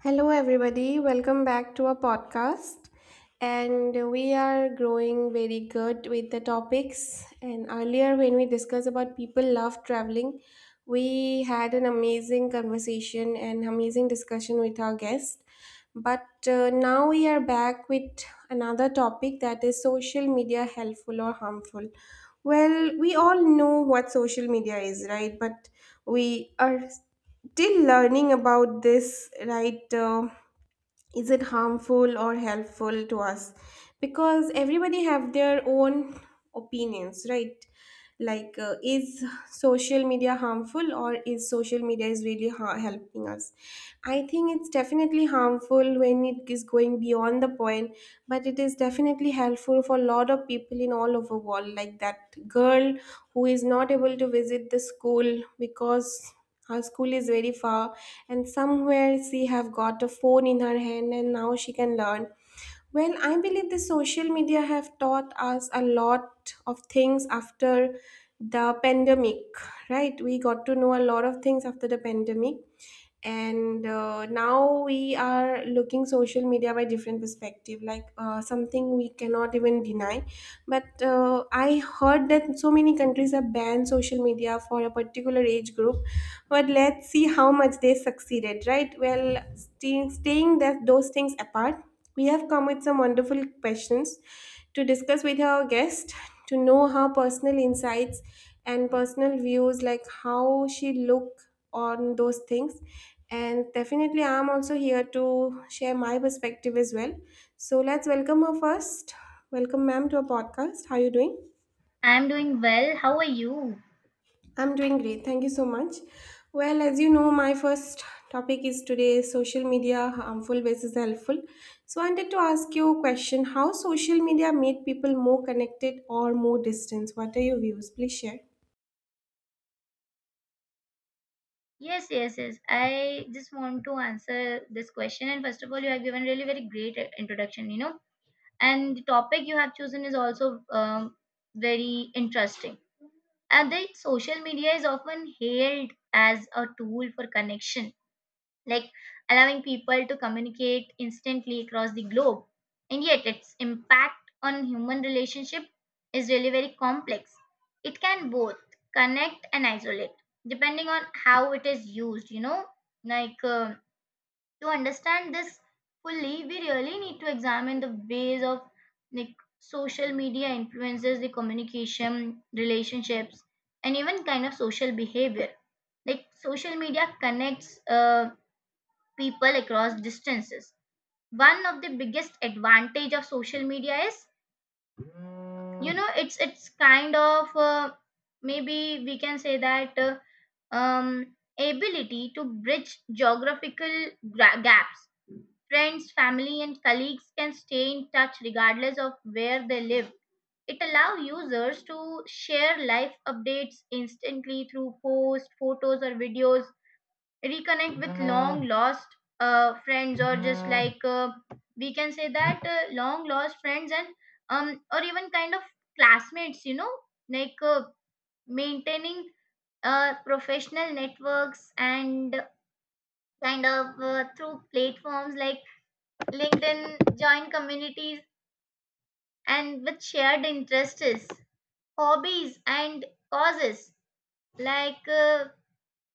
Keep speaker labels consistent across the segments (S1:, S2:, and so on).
S1: Hello, everybody. Welcome back to our podcast. And we are growing very good with the topics. And earlier, when we discussed about people love traveling, we had an amazing conversation and amazing discussion with our guest. But now we are back with another topic, that is social media helpful or harmful. Well, we all know what social media is, right? But we are still learning about this, right? Is it harmful or helpful to us, because everybody have their own opinions, right? Like, is social media harmful, or is social media is really helping us? I think it's definitely harmful when it is going beyond the point, but it is definitely helpful for a lot of people in all over world, like that girl who is not able to visit the school because her school is very far, and somewhere she have got a phone in her hand and now she can learn. Well, I believe the social media have taught us a lot of things after the pandemic. Right, we got to know a lot of things after the pandemic. And now we are looking social media by different perspective, like something we cannot even deny. But I heard that so many countries have banned social media for a particular age group, but let's see how much they succeeded, right? Well, staying that those things apart, we have come with some wonderful questions to discuss with our guest, to know her personal insights and personal views, like how she look on those things. And definitely, I'm also here to share my perspective as well. So let's welcome her first. Welcome, ma'am, to our podcast. How are you doing?
S2: I'm doing well. How are you?
S1: I'm doing great. Thank you so much. Well, as you know, my first topic is today social media harmful versus helpful. So, I wanted to ask you a question. How social media made people more connected or more distant? What are your views? Please share.
S2: Yes. I just want to answer this question. And first of all, you have given really very great introduction, And the topic you have chosen is also very interesting. And the social media is often hailed as a tool for connection, like allowing people to communicate instantly across the globe. And yet, its impact on human relationship is really very complex. It can both connect and isolate, depending on how it is used. Like um to understand this fully, we really need to examine the ways of like social media influences the communication, relationships, and even kind of social behavior. Like social media connects people across distances. One of the biggest advantage of social media is, you know, it's kind of maybe we can say that ability to bridge geographical gaps. Friends, family, and colleagues can stay in touch regardless of where they live. It allows users to share life updates instantly through posts, photos, or videos, reconnect with, yeah, long lost friends, or just, yeah, we can say that long lost friends, and um or even kind of classmates, you know, like uh, maintaining professional networks, and kind of through platforms like LinkedIn, join communities and with shared interests, hobbies and causes. like uh,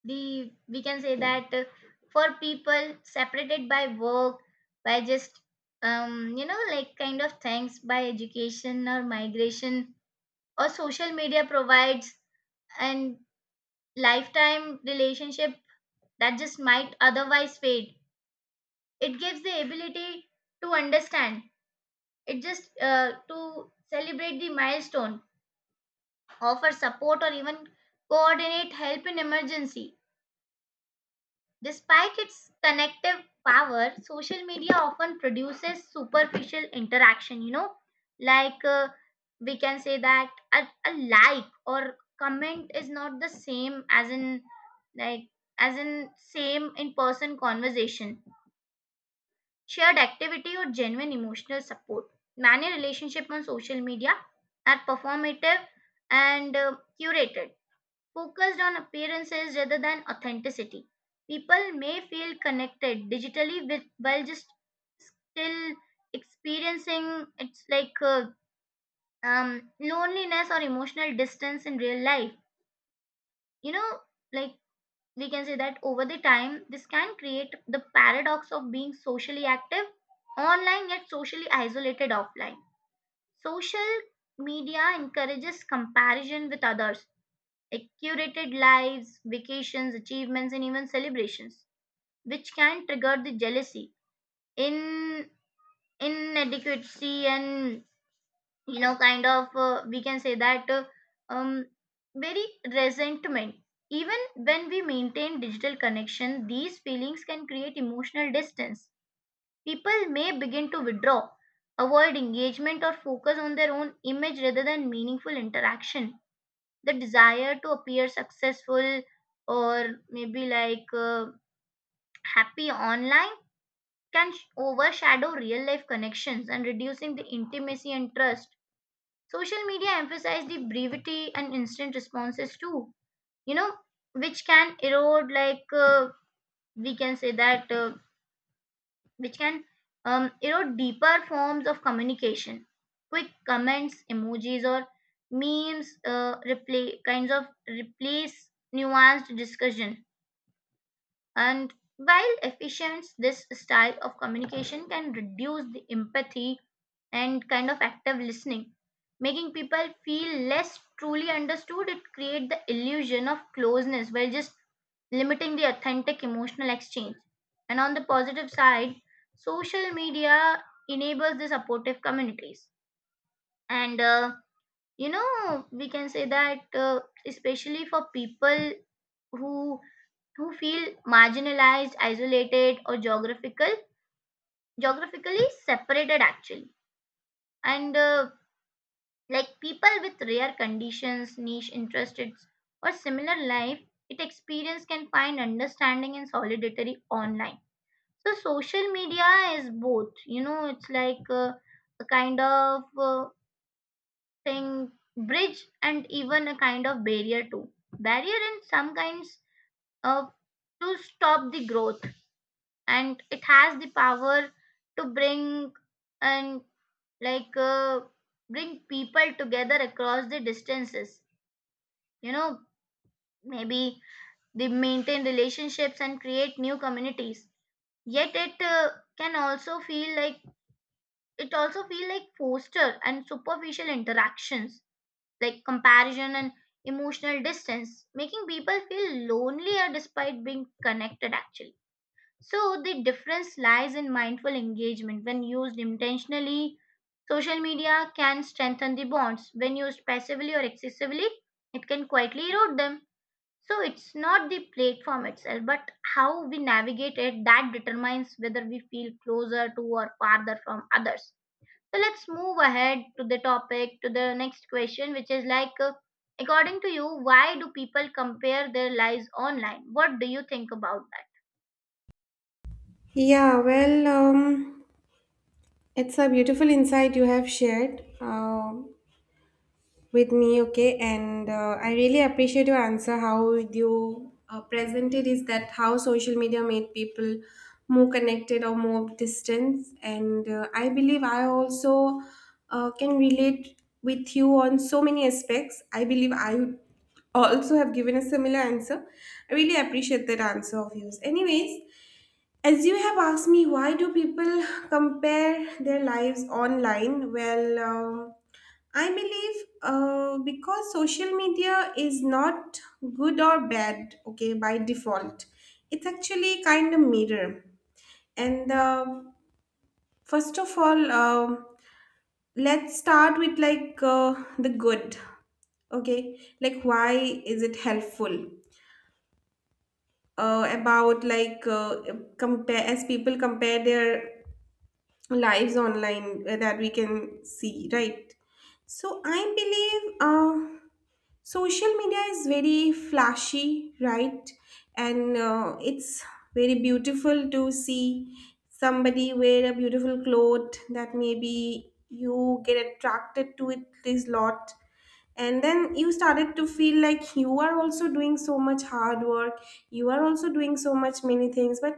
S2: the we can say that for people separated by work, by just, you know, like kind of things, by education or migration, or social media provides and lifetime relationship that just might otherwise fade. It gives the ability to understand, it just to celebrate the milestone, offer support, or even coordinate help in emergency. Despite its connective power, social media often produces superficial interaction, you know, like uh, we can say that a like or comment is not the same as in like, as in same in person conversation, shared activity, or genuine emotional support. Many relationships on social media are performative and curated, focused on appearances rather than authenticity. People may feel connected digitally with, while just still experiencing it's loneliness or emotional distance in real life. You know, like we can say that over the time, this can create the paradox of being socially active online yet socially isolated offline. Social media encourages comparison with others. It curated lives, vacations, achievements, and even celebrations, which can trigger the jealousy, in inadequacy, and you know, kind of we can say that um, very resentment. Even when we maintain digital connection, these feelings can create emotional distance. People may begin to withdraw, avoid engagement, or focus on their own image rather than meaningful interaction. The desire to appear successful, or maybe happy online, can overshadow real life connections, and reducing the intimacy and trust. Social media emphasize the brevity and instant responses too, you know, which can erode, we can say that which can erode deeper forms of communication. Quick comments, emojis, or memes replay kinds of replace nuanced discussion. And while efficient, this style of communication can reduce the empathy and kind of active listening, making people feel less truly understood. It creates the illusion of closeness while just limiting the authentic emotional exchange. And on the positive side, social media enables the supportive communities. And you know, we can say that especially for people who feel marginalized, isolated, or geographically separated actually. And like people with rare conditions, niche interests, or similar life, it experience can find understanding and solidarity online. So social media is both. You know, it's a kind of thing, bridge and even a kind of barrier too. Barrier in some kinds of to stop the growth, and it has the power to bring, and like uh, bring people together across the distances, you know, maybe they maintain relationships and create new communities, yet it can also feel like foster and superficial interactions, like comparison and emotional distance, making people feel lonelier despite being connected actually. So the difference lies in mindful engagement. When used intentionally, social media can strengthen the bonds. When used passively or excessively, it can quietly erode them. So it's not the platform itself, but how we navigate it that determines whether we feel closer to or farther from others. So let's move ahead to the topic, to the next question, which is like, according to you, why do people compare their lives online? What do you think about that?
S1: Yeah, well, it's a beautiful insight you have shared. With me, okay? And I really appreciate your answer. How you presented is that how social media made people more connected or more distant. And I believe I also can relate with you on so many aspects. I believe I also have given a similar answer. I really appreciate that answer of yours. Anyways, as you have asked me, why do people compare their lives online? Well, I believe because social media is not good or bad, okay, by default. It's actually kind of mirror. And first of all, let's start with the good, okay? Like, why is it helpful? About compare as people compare their lives online, that we can see, right? So I believe social media is very flashy, right? And it's very beautiful to see somebody wear a beautiful cloth that maybe you get attracted to it this lot, and then you started to feel like you are also doing so much hard work, you are also doing so much many things, but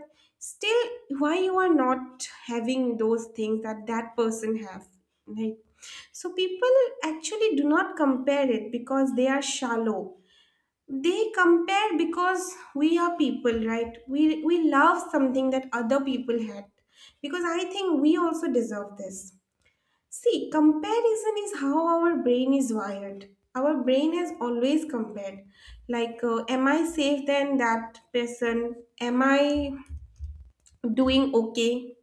S1: still why you are not having those things that that person have, right? So people actually do not compare it because they are shallow. They compare because we are people, right? We love something that other people had, because I think we also deserve this. See, comparison is how our brain is wired. Our brain has always compared. Like, am I safe than that person? Am I doing okay?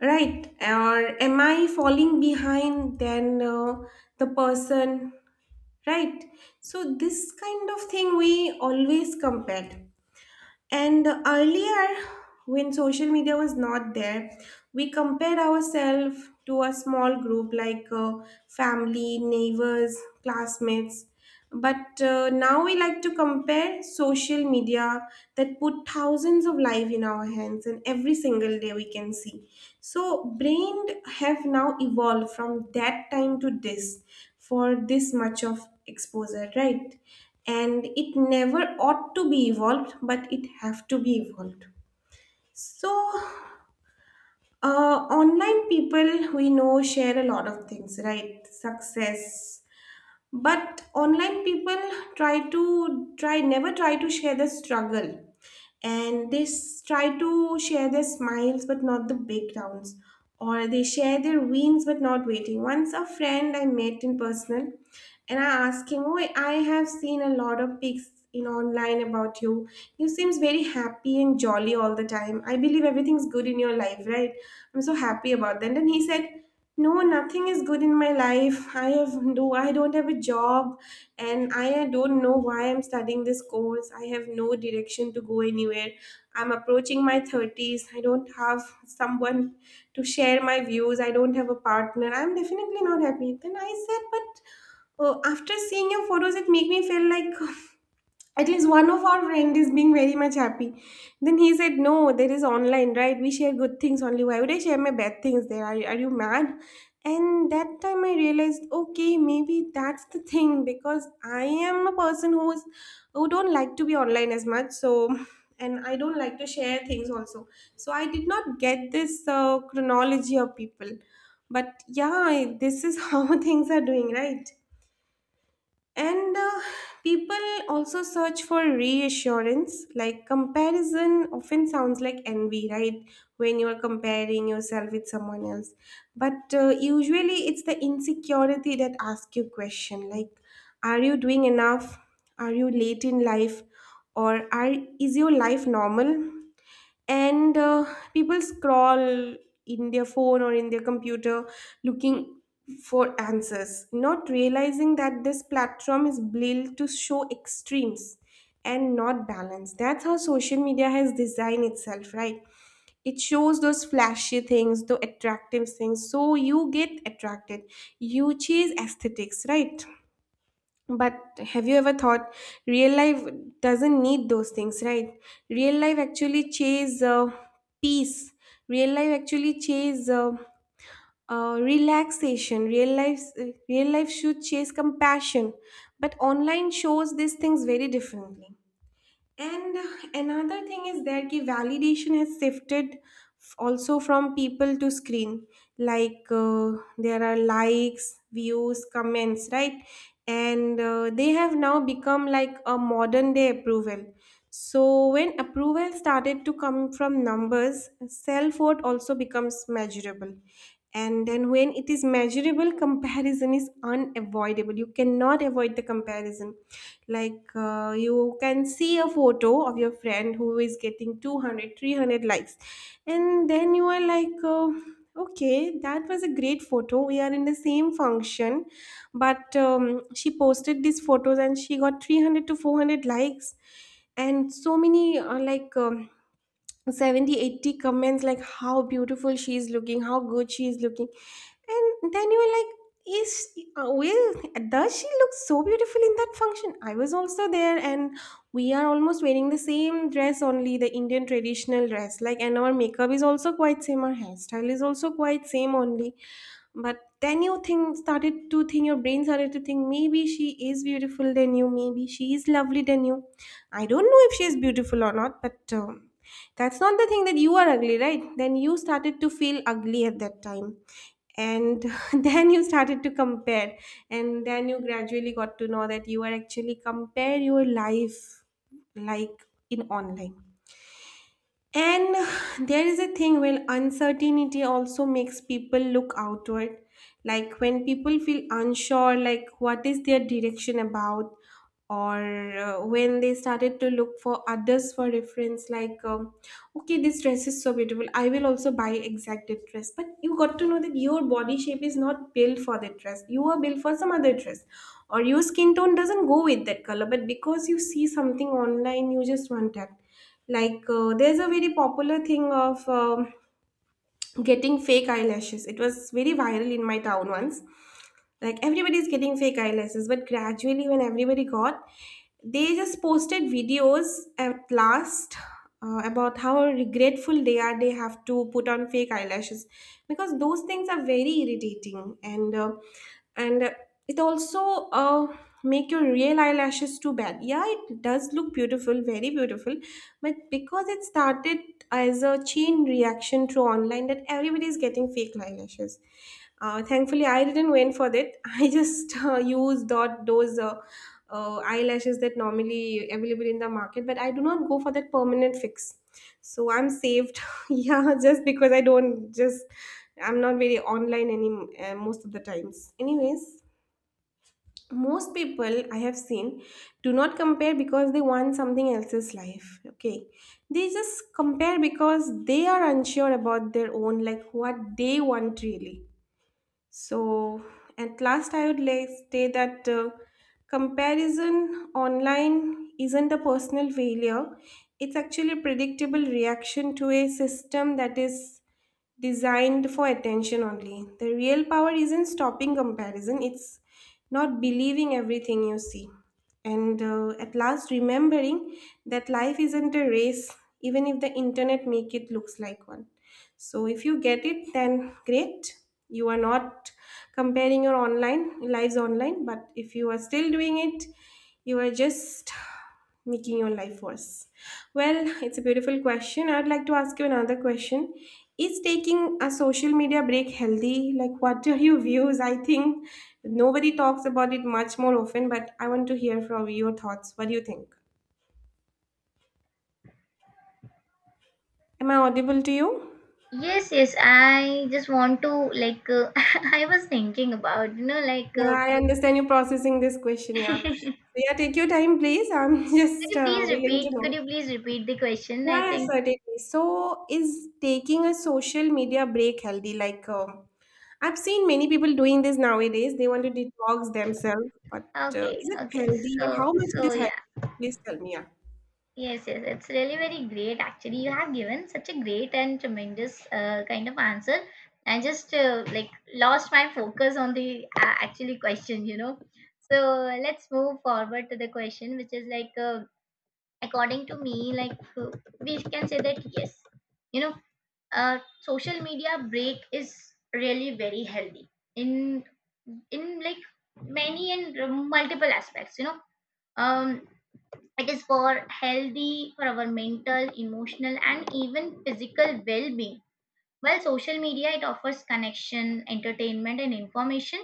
S1: Right? Or am I falling behind than the person? Right? So, this kind of thing we always compare. And earlier, when social media was not there, we compared ourselves to a small group, like family, neighbors, classmates. But now we like to compare social media that put thousands of life in our hands, and every single day we can see. So brain have now evolved from that time to this for this much of exposure, right? And it never ought to be evolved, but it have to be evolved. So online people we know share a lot of things, right? Success. But online people try to try never try to share the struggle, and they try to share their smiles but not the breakdowns, or they share their wins but not waiting. Once a friend I met in personal, and I asked him, oh, I have seen a lot of pics in online about you. You seems very happy and jolly all the time. I believe everything's good in your life, right? I'm so happy about that. And he said, no, nothing is good in my life. I don't have a job, and I don't know why I'm studying this course. I have no direction to go anywhere. I'm approaching my 30s. I don't have someone to share my views. I don't have a partner. I'm definitely not happy. Then I said, but after seeing your photos, it make me feel like at least one of our friend is being very much happy. Then he said, no, there is online, right? We share good things only. Why would I share my bad things? Are you mad? And that time I realized, okay, maybe that's the thing, because I am a person who's who don't like to be online as much. So, and I don't like to share things also. So I did not get this chronology of people. But yeah, I, this is how things are doing, right? And people also search for reassurance, like comparison often sounds like envy, right? When you are comparing yourself with someone else. But usually it's the insecurity that asks you question like, are you doing enough? Are you late in life? Or is your life normal? And people scroll in their phone or in their computer, looking for answers, not realizing that this platform is built to show extremes and not balance. That's how social media has designed itself, right? It shows those flashy things, the attractive things, so you get attracted. You chase aesthetics, right? But have you ever thought real life doesn't need those things, right? Real life actually chase peace. Real life actually chase relaxation. Real life should chase compassion. But online shows these things very differently. And another thing is that the validation has shifted also from people to screen. Like there are likes, views, comments, right? And they have now become like a modern day approval. So when approval started to come from numbers, self worth also becomes measurable. And then when it is measurable, comparison is unavoidable. You cannot avoid the comparison. Like you can see a photo of your friend who is getting 200, 300 likes, and then you are like okay, that was a great photo, we are in the same function, but she posted these photos and she got 300 to 400 likes, and so many like 70 80 comments like how beautiful she is looking, how good she is looking. And then you were like is well, does she look so beautiful in that function? I was also there, and we are almost wearing the same dress, only the Indian traditional dress. Like, and our makeup is also quite same, our hairstyle is also quite same only. But then you think started to think, your brain started to think, maybe she is beautiful than you, maybe she is lovely than you. I don't know if she is beautiful or not, but that's not the thing that you are ugly, right? Then you started to feel ugly at that time. And then you started to compare, and then you gradually got to know that you are actually compare your life like in online. And there is a thing. Well, uncertainty also makes people look outward. Like when people feel unsure, like what is their direction about, or when they started to look for others for reference, like, okay, this dress is so beautiful. I will also buy exact that dress. But you got to know that your body shape is not built for that dress. You are built for some other dress, or your skin tone doesn't go with that color. But because you see something online, you just want that. Like there's a very popular thing of getting fake eyelashes. It was very viral in my town once. Like everybody's getting fake eyelashes, but gradually when everybody got, they just posted videos at last about how regretful they are they have to put on fake eyelashes, because those things are very irritating, and and uh, it also uh, make your real eyelashes too bad. Yeah, it does look beautiful, very beautiful, but because it started as a chain reaction through online that everybody is getting fake eyelashes. Thankfully, I didn't went for that. I just used those eyelashes that normally available in the market, but I do not go for that permanent fix. So I'm saved. Yeah, just because I don't just I'm not very online any most of the times. Anyways, most people I have seen do not compare because they want something else's life, okay? They just compare because they are unsure about their own, like what they want really. So at last I would like say that comparison online isn't a personal failure, it's actually a predictable reaction to a system that is designed for attention only. The real power isn't stopping comparison, it's not believing everything you see. And at last, remembering that life isn't a race, even if the internet make it looks like one. So if you get it, then great. You are not comparing your online lives online, but if you are still doing it, you are just making your life worse? Well, it's a beautiful question. I'd like to ask you another question. Is taking a social media break healthy? Like, what are your views? I think nobody talks about it much more often, but I want to hear from your thoughts. What do you think? Am I audible to you?
S2: Yes. I just want to like. I was thinking about
S1: Yeah, I understand you're processing this question. Yeah.
S2: Could
S1: So, yeah, take your time, please. I'm just
S2: you please
S1: willing to
S2: repeat? Could
S1: know.
S2: you please repeat the question? I
S1: Yeah, yeah,
S2: think.
S1: certainly. So, is taking a social media break healthy? Like, I've seen many people doing this nowadays. They want to detox themselves, but
S2: Okay,
S1: is it
S2: okay.
S1: healthy or
S2: So,
S1: how much it
S2: so
S1: is healthy?
S2: yeah.
S1: Please tell me. Yeah.
S2: Yes. It's really very great. Actually, you have given such a great and tremendous kind of answer. I just like lost my focus on the actually question. You know. So let's move forward to the question, which is like. According to me, we can say that yes, you know, social media break is really very healthy in in like many and multiple aspects, you know, um it is for healthy for our mental, emotional and even physical well-being. While social media it offers connection, entertainment and information,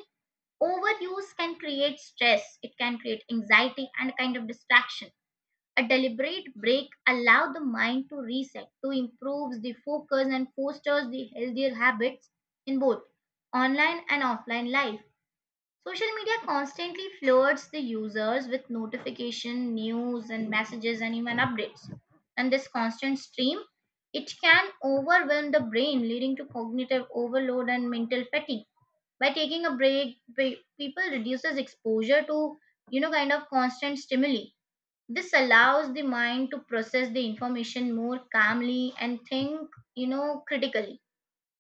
S2: overuse can create stress, it can create anxiety and kind of distraction. A deliberate break allows the mind to reset, to improves the focus and fosters the healthier habits in both online and offline life. Social media constantly floods the users with notification, news and messages and even updates. And this constant stream, it can overwhelm the brain, leading to cognitive overload and mental fatigue. By taking a break, people reduces exposure to, you know, kind of constant stimuli. This allows the mind to process the information more calmly and think, you know, critically,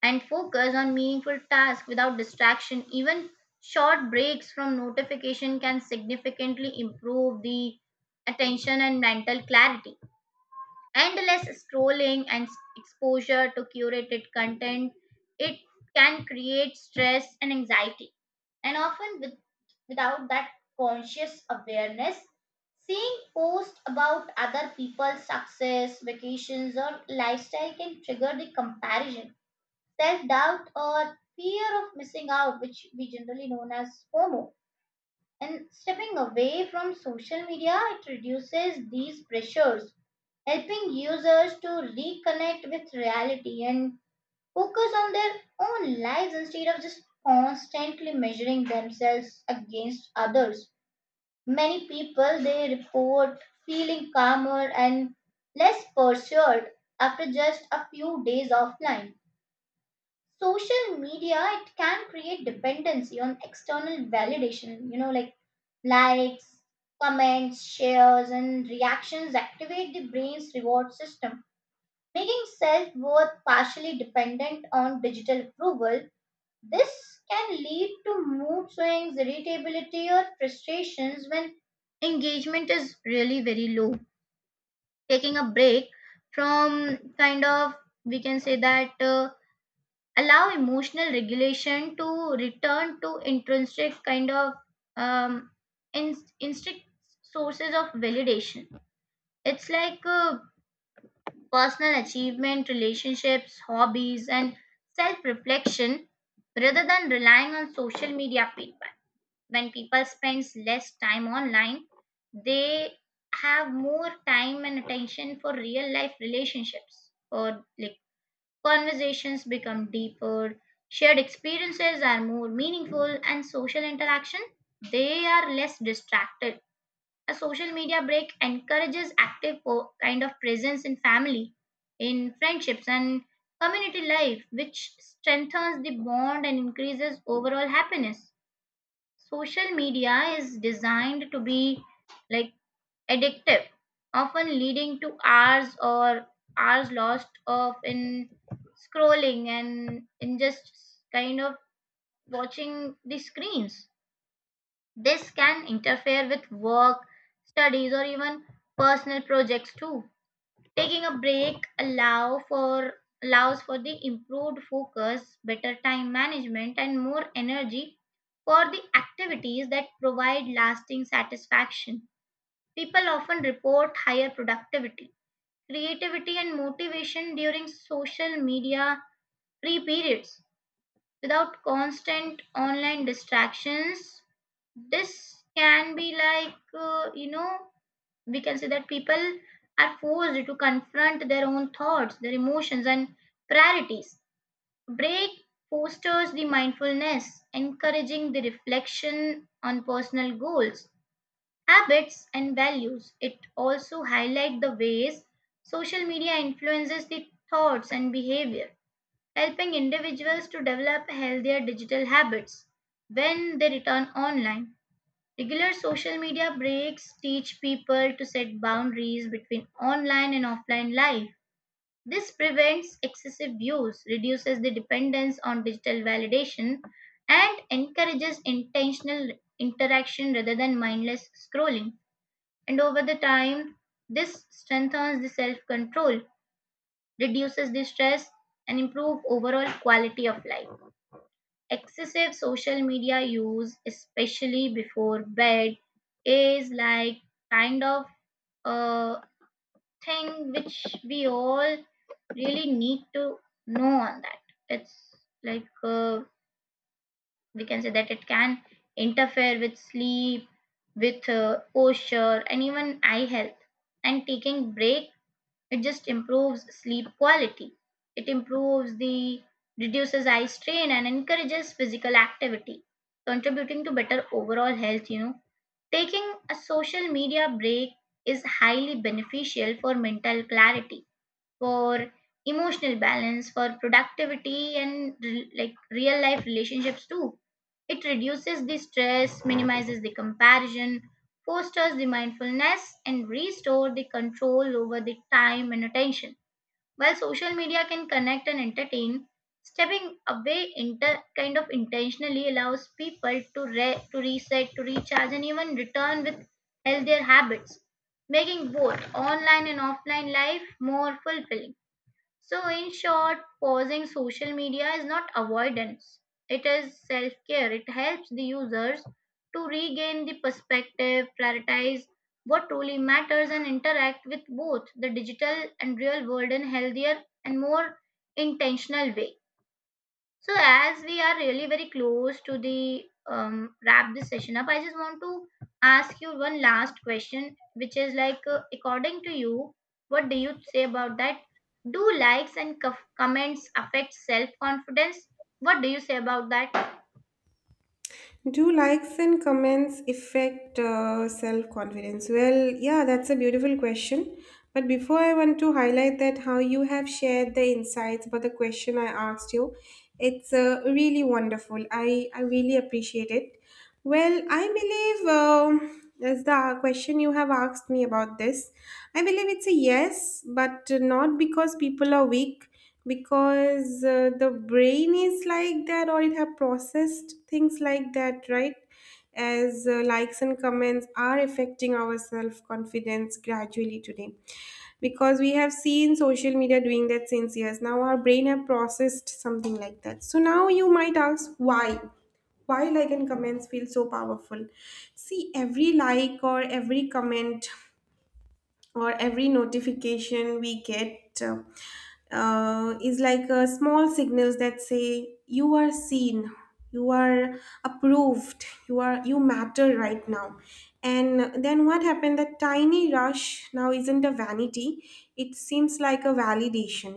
S2: and focus on meaningful tasks without distraction. Even short breaks from notification can significantly improve the attention and mental clarity. Endless scrolling and exposure to curated content, it can create stress and anxiety and often with, without that conscious awareness. Seeing posts about other people's success, vacations or lifestyle can trigger the comparison, self-doubt, or fear of missing out, which we generally known as FOMO. And stepping away from social media, it reduces these pressures, helping users to reconnect with reality and focus on their own lives instead of just constantly measuring themselves against others. Many people they report feeling calmer and less pressured after just a few days offline. Social media it can create dependency on external validation, you know, like likes, comments, shares, and reactions activate the brain's reward system, making self worth partially dependent on digital approval. This can lead to mood swings, irritability, or frustrations when engagement is really very low. Taking a break from kind of, we can say that, allow emotional regulation to return to intrinsic kind of um, instinct sources of validation. It's personal achievement, relationships, hobbies, and self reflection rather than relying on social media feedback. When people spends less time online, they have more time and attention for real life relationships, or like conversations become deeper, shared experiences are more meaningful, and social interaction they are less distracted. A social media break encourages active kind of presence in family, in friendships and community life, which strengthens the bond and increases overall happiness. Social media is designed to be like addictive, often leading to hours or hours lost of in scrolling and in just kind of watching the screens. This can interfere with work, studies, or even personal projects too. Taking a break allow for allows for the improved focus, better time management and more energy for the activities that provide lasting satisfaction. People often report higher productivity, creativity and motivation during social media free periods without constant online distractions. This can be you know, we can say that people are forced to confront their own thoughts, their emotions, and priorities. Break fosters the mindfulness, encouraging the reflection on personal goals, habits, and values. It also highlights the ways social media influences the thoughts and behavior, helping individuals to develop healthier digital habits when they return online. Regular social media breaks teach people to set boundaries between online and offline life. This prevents excessive use, reduces the dependence on digital validation, and encourages intentional interaction rather than mindless scrolling. And over the time, this strengthens the self control, reduces the stress, and improves overall quality of life. Excessive social media use, especially before bed, is like kind of a thing which we all really need to know on that. It's like uh, we can say that it can interfere with sleep, with posture, and even eye health. And taking break it just improves sleep quality. It improves the reduces eye strain and encourages physical activity, contributing to better overall health. Taking a social media break is highly beneficial for mental clarity for emotional balance, for productivity, and like real life relationships too. It reduces the stress, minimizes the comparison, fosters the mindfulness, and restore the control over the time and attention. While social media can connect and entertain, stepping away kind of intentionally allows people to to reset, to recharge, and even return with healthier habits, making both online and offline life more fulfilling. So, in short, pausing social media is not avoidance, it is self care. It helps the users to regain the perspective, prioritize what truly matters, and interact with both the digital and real world in healthier and more intentional way. So, as we are really very close to the wrap this session up, I just want to ask you one last question, which is like, according to you, what do you say about that? Do likes and comments affect self confidence? What do you say about that?
S1: Do likes and comments affect self confidence? Well, yeah, that's a beautiful question. But before I want to highlight that how you have shared the insights about the question I asked you, it's really wonderful. I really appreciate it. Well, I believe as the question you have asked me about this, I believe it's a yes, but not because people are weak, because the brain is like that or it have processed things like that, right? As likes and comments are affecting our self confidence gradually today, because we have seen social media doing that since years, now our brain have processed something like that. So now you might ask why like and comments feel so powerful. See, every like or every comment or every notification we get is like small signals that say you are seen, you are approved, you are, you matter right now. And then what happened, that tiny rush now isn't a vanity, it seems like a validation.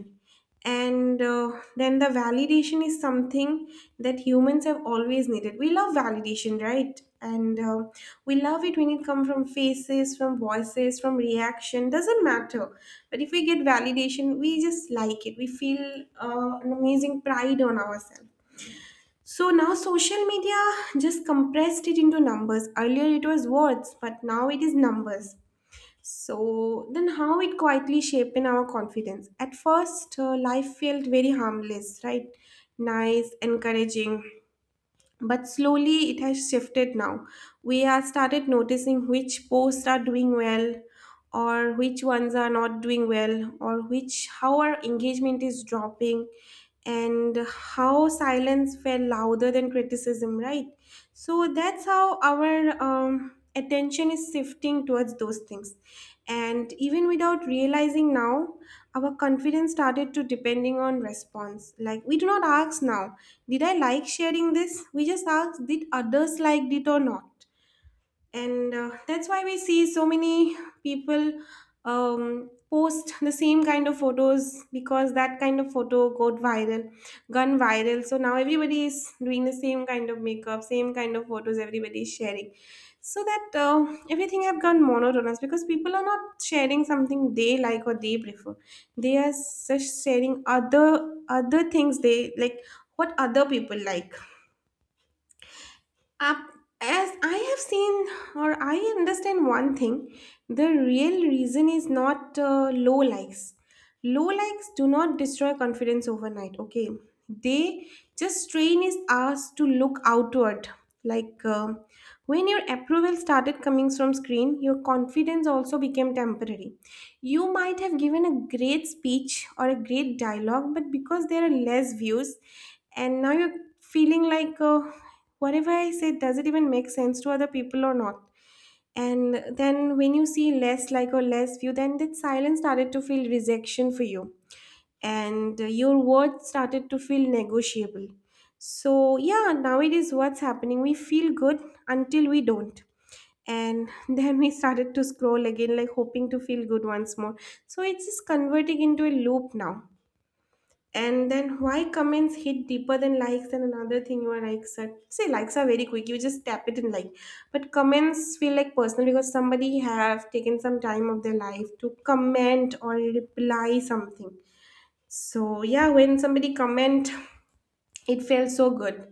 S1: And then the validation is something that humans have always needed. We love validation, right? And we love it when it comes from faces, from voices, from reaction, doesn't matter. But if we get validation, we just like it, we feel an amazing pride on ourselves. So now social media just compressed it into numbers. Earlier it was words, but now it is numbers. So then how it quietly shaped in our confidence. At first, life felt very harmless, right? Nice, encouraging. But slowly it has shifted now. We have started noticing which posts are doing well or which ones are not doing well or which how our engagement is dropping and how silence felt louder than criticism, right? So that's how our attention is shifting towards those things. And even without realizing now our confidence started to depending on response. Like, we do not ask now, did I like sharing this? We just ask, did others liked it or not? And that's why we see so many people post the same kind of photos, because that kind of photo got viral, gone viral. So now everybody is doing the same kind of makeup, same kind of photos, everybody is sharing. So that everything have gone monotonous, because people are not sharing something they like or they prefer, they are just sharing other things they like, what other people like. up, as I have seen or I understand one thing, the real reason is not low likes. Low likes do not destroy confidence overnight, okay? They just train is us to look outward. Like when your approval started coming from screen, your confidence also became temporary. You might have given a great speech or a great dialogue, but because there are less views, and now you're feeling like whatever I say, does it even make sense to other people or not? And then when you see less like or less view, then that silence started to feel rejection for you. And your words started to feel negotiable. So yeah, nowadays what's happening? We feel good until we don't. And then we started to scroll again, like hoping to feel good once more. So it's just converting into a loop now. And then why comments hit deeper than likes, and another thing, you are like sir, say likes are very quick, you just tap it and like, but comments feel like personal, because somebody have taken some time of their life to comment or reply something. So yeah, when somebody comment, it felt so good.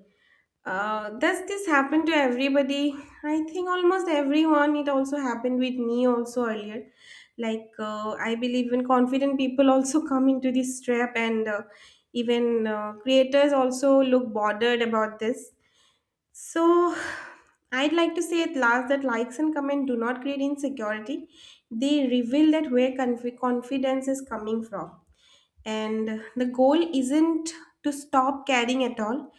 S1: Does this happen to everybody? I think almost everyone. It also happened with me also earlier. Like I believe even confident people also come into this trap, and even creators also look bothered about this. So I'd like to say at last that likes and comment do not create insecurity. They reveal that where confidence is coming from, and the goal isn't to stop caring at all.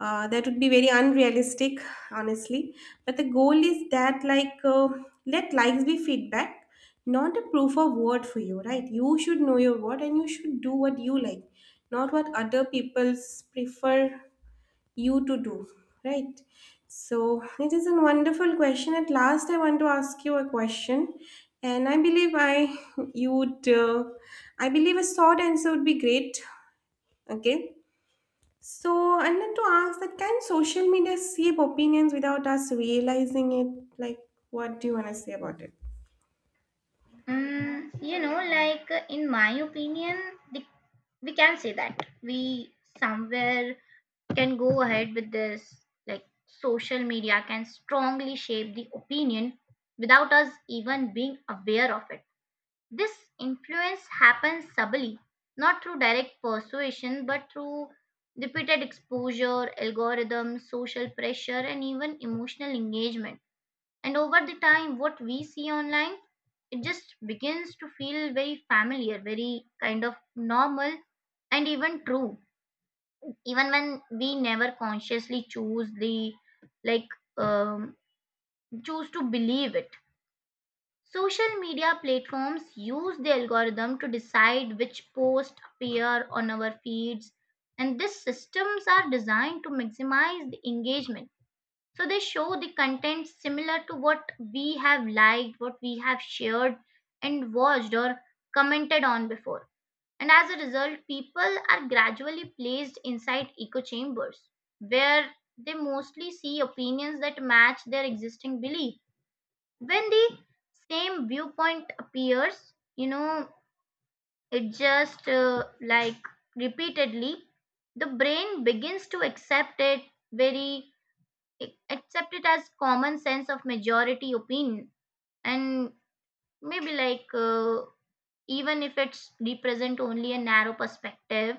S1: That would be very unrealistic, honestly, but the goal is that like let likes be feedback, not a proof of word for you, right? You should know your word and you should do what you like, not what other people's prefer you to do, right? So it is a wonderful question. At last, I want to ask you a question, and I believe I you would, I believe a short answer would be great. Okay. So I want to ask that can social media shape opinions without us realizing it? Like, what do you want to say about it?
S2: Mm, you know, like in my opinion, the, we can say that we somewhere can go ahead with this. Like social media can strongly shape the opinion without us even being aware of it. This influence happens subtly, not through direct persuasion, but through repeated exposure, algorithms, social pressure, and even emotional engagement. And over the time, what we see online, it just begins to feel very familiar, very kind of normal, and even true even when we never consciously choose the like um, choose to believe it. Social media platforms use the algorithm to decide which posts appear on our feeds, and these systems are designed to maximize the engagement, so they show the content similar to what we have liked, what we have shared and watched or commented on before. And as a result, people are gradually placed inside echo chambers where they mostly see opinions that match their existing belief. When the same viewpoint appears it just repeatedly, the brain begins to very accept it as common sense of majority opinion, and maybe like even if it's represent only a narrow perspective.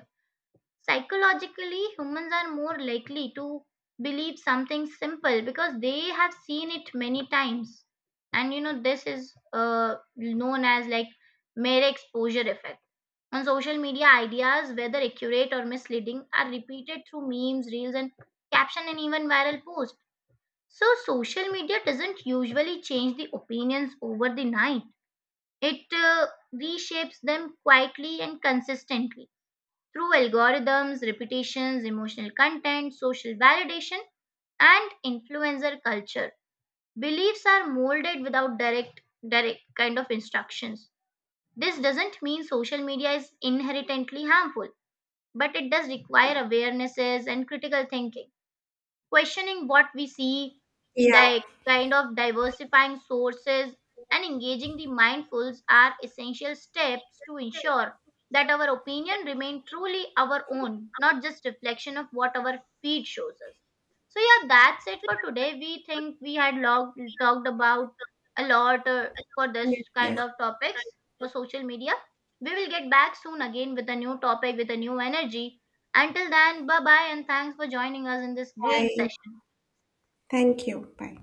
S2: Psychologically, humans are more likely to believe something simple because they have seen it many times. And you know, this is known as like mere exposure effect. On social media, ideas, whether accurate or misleading, are repeated through memes, reels, and caption and even viral posts. So, social media doesn't usually change the opinions over the night. It reshapes them quietly and consistently through algorithms, repetitions, emotional content, social validation, and influencer culture. Beliefs are molded without direct kind of instructions. This doesn't mean social media is inherently harmful, but it does require awarenesses and critical thinking, questioning what we see,
S1: Yeah.
S2: like kind of diversifying sources and engaging the mindfuls are essential steps to ensure that our opinion remain truly our own, not just reflection of what our feed shows us. So yeah, that's it for today. We think we had talked about a lot for this
S1: Yes, yes.
S2: kind of topics for social media. We will get back soon again with a new topic, with a new energy. Until then, bye bye, and thanks for joining us in this great
S1: Bye.
S2: session.
S1: Thank you. Bye.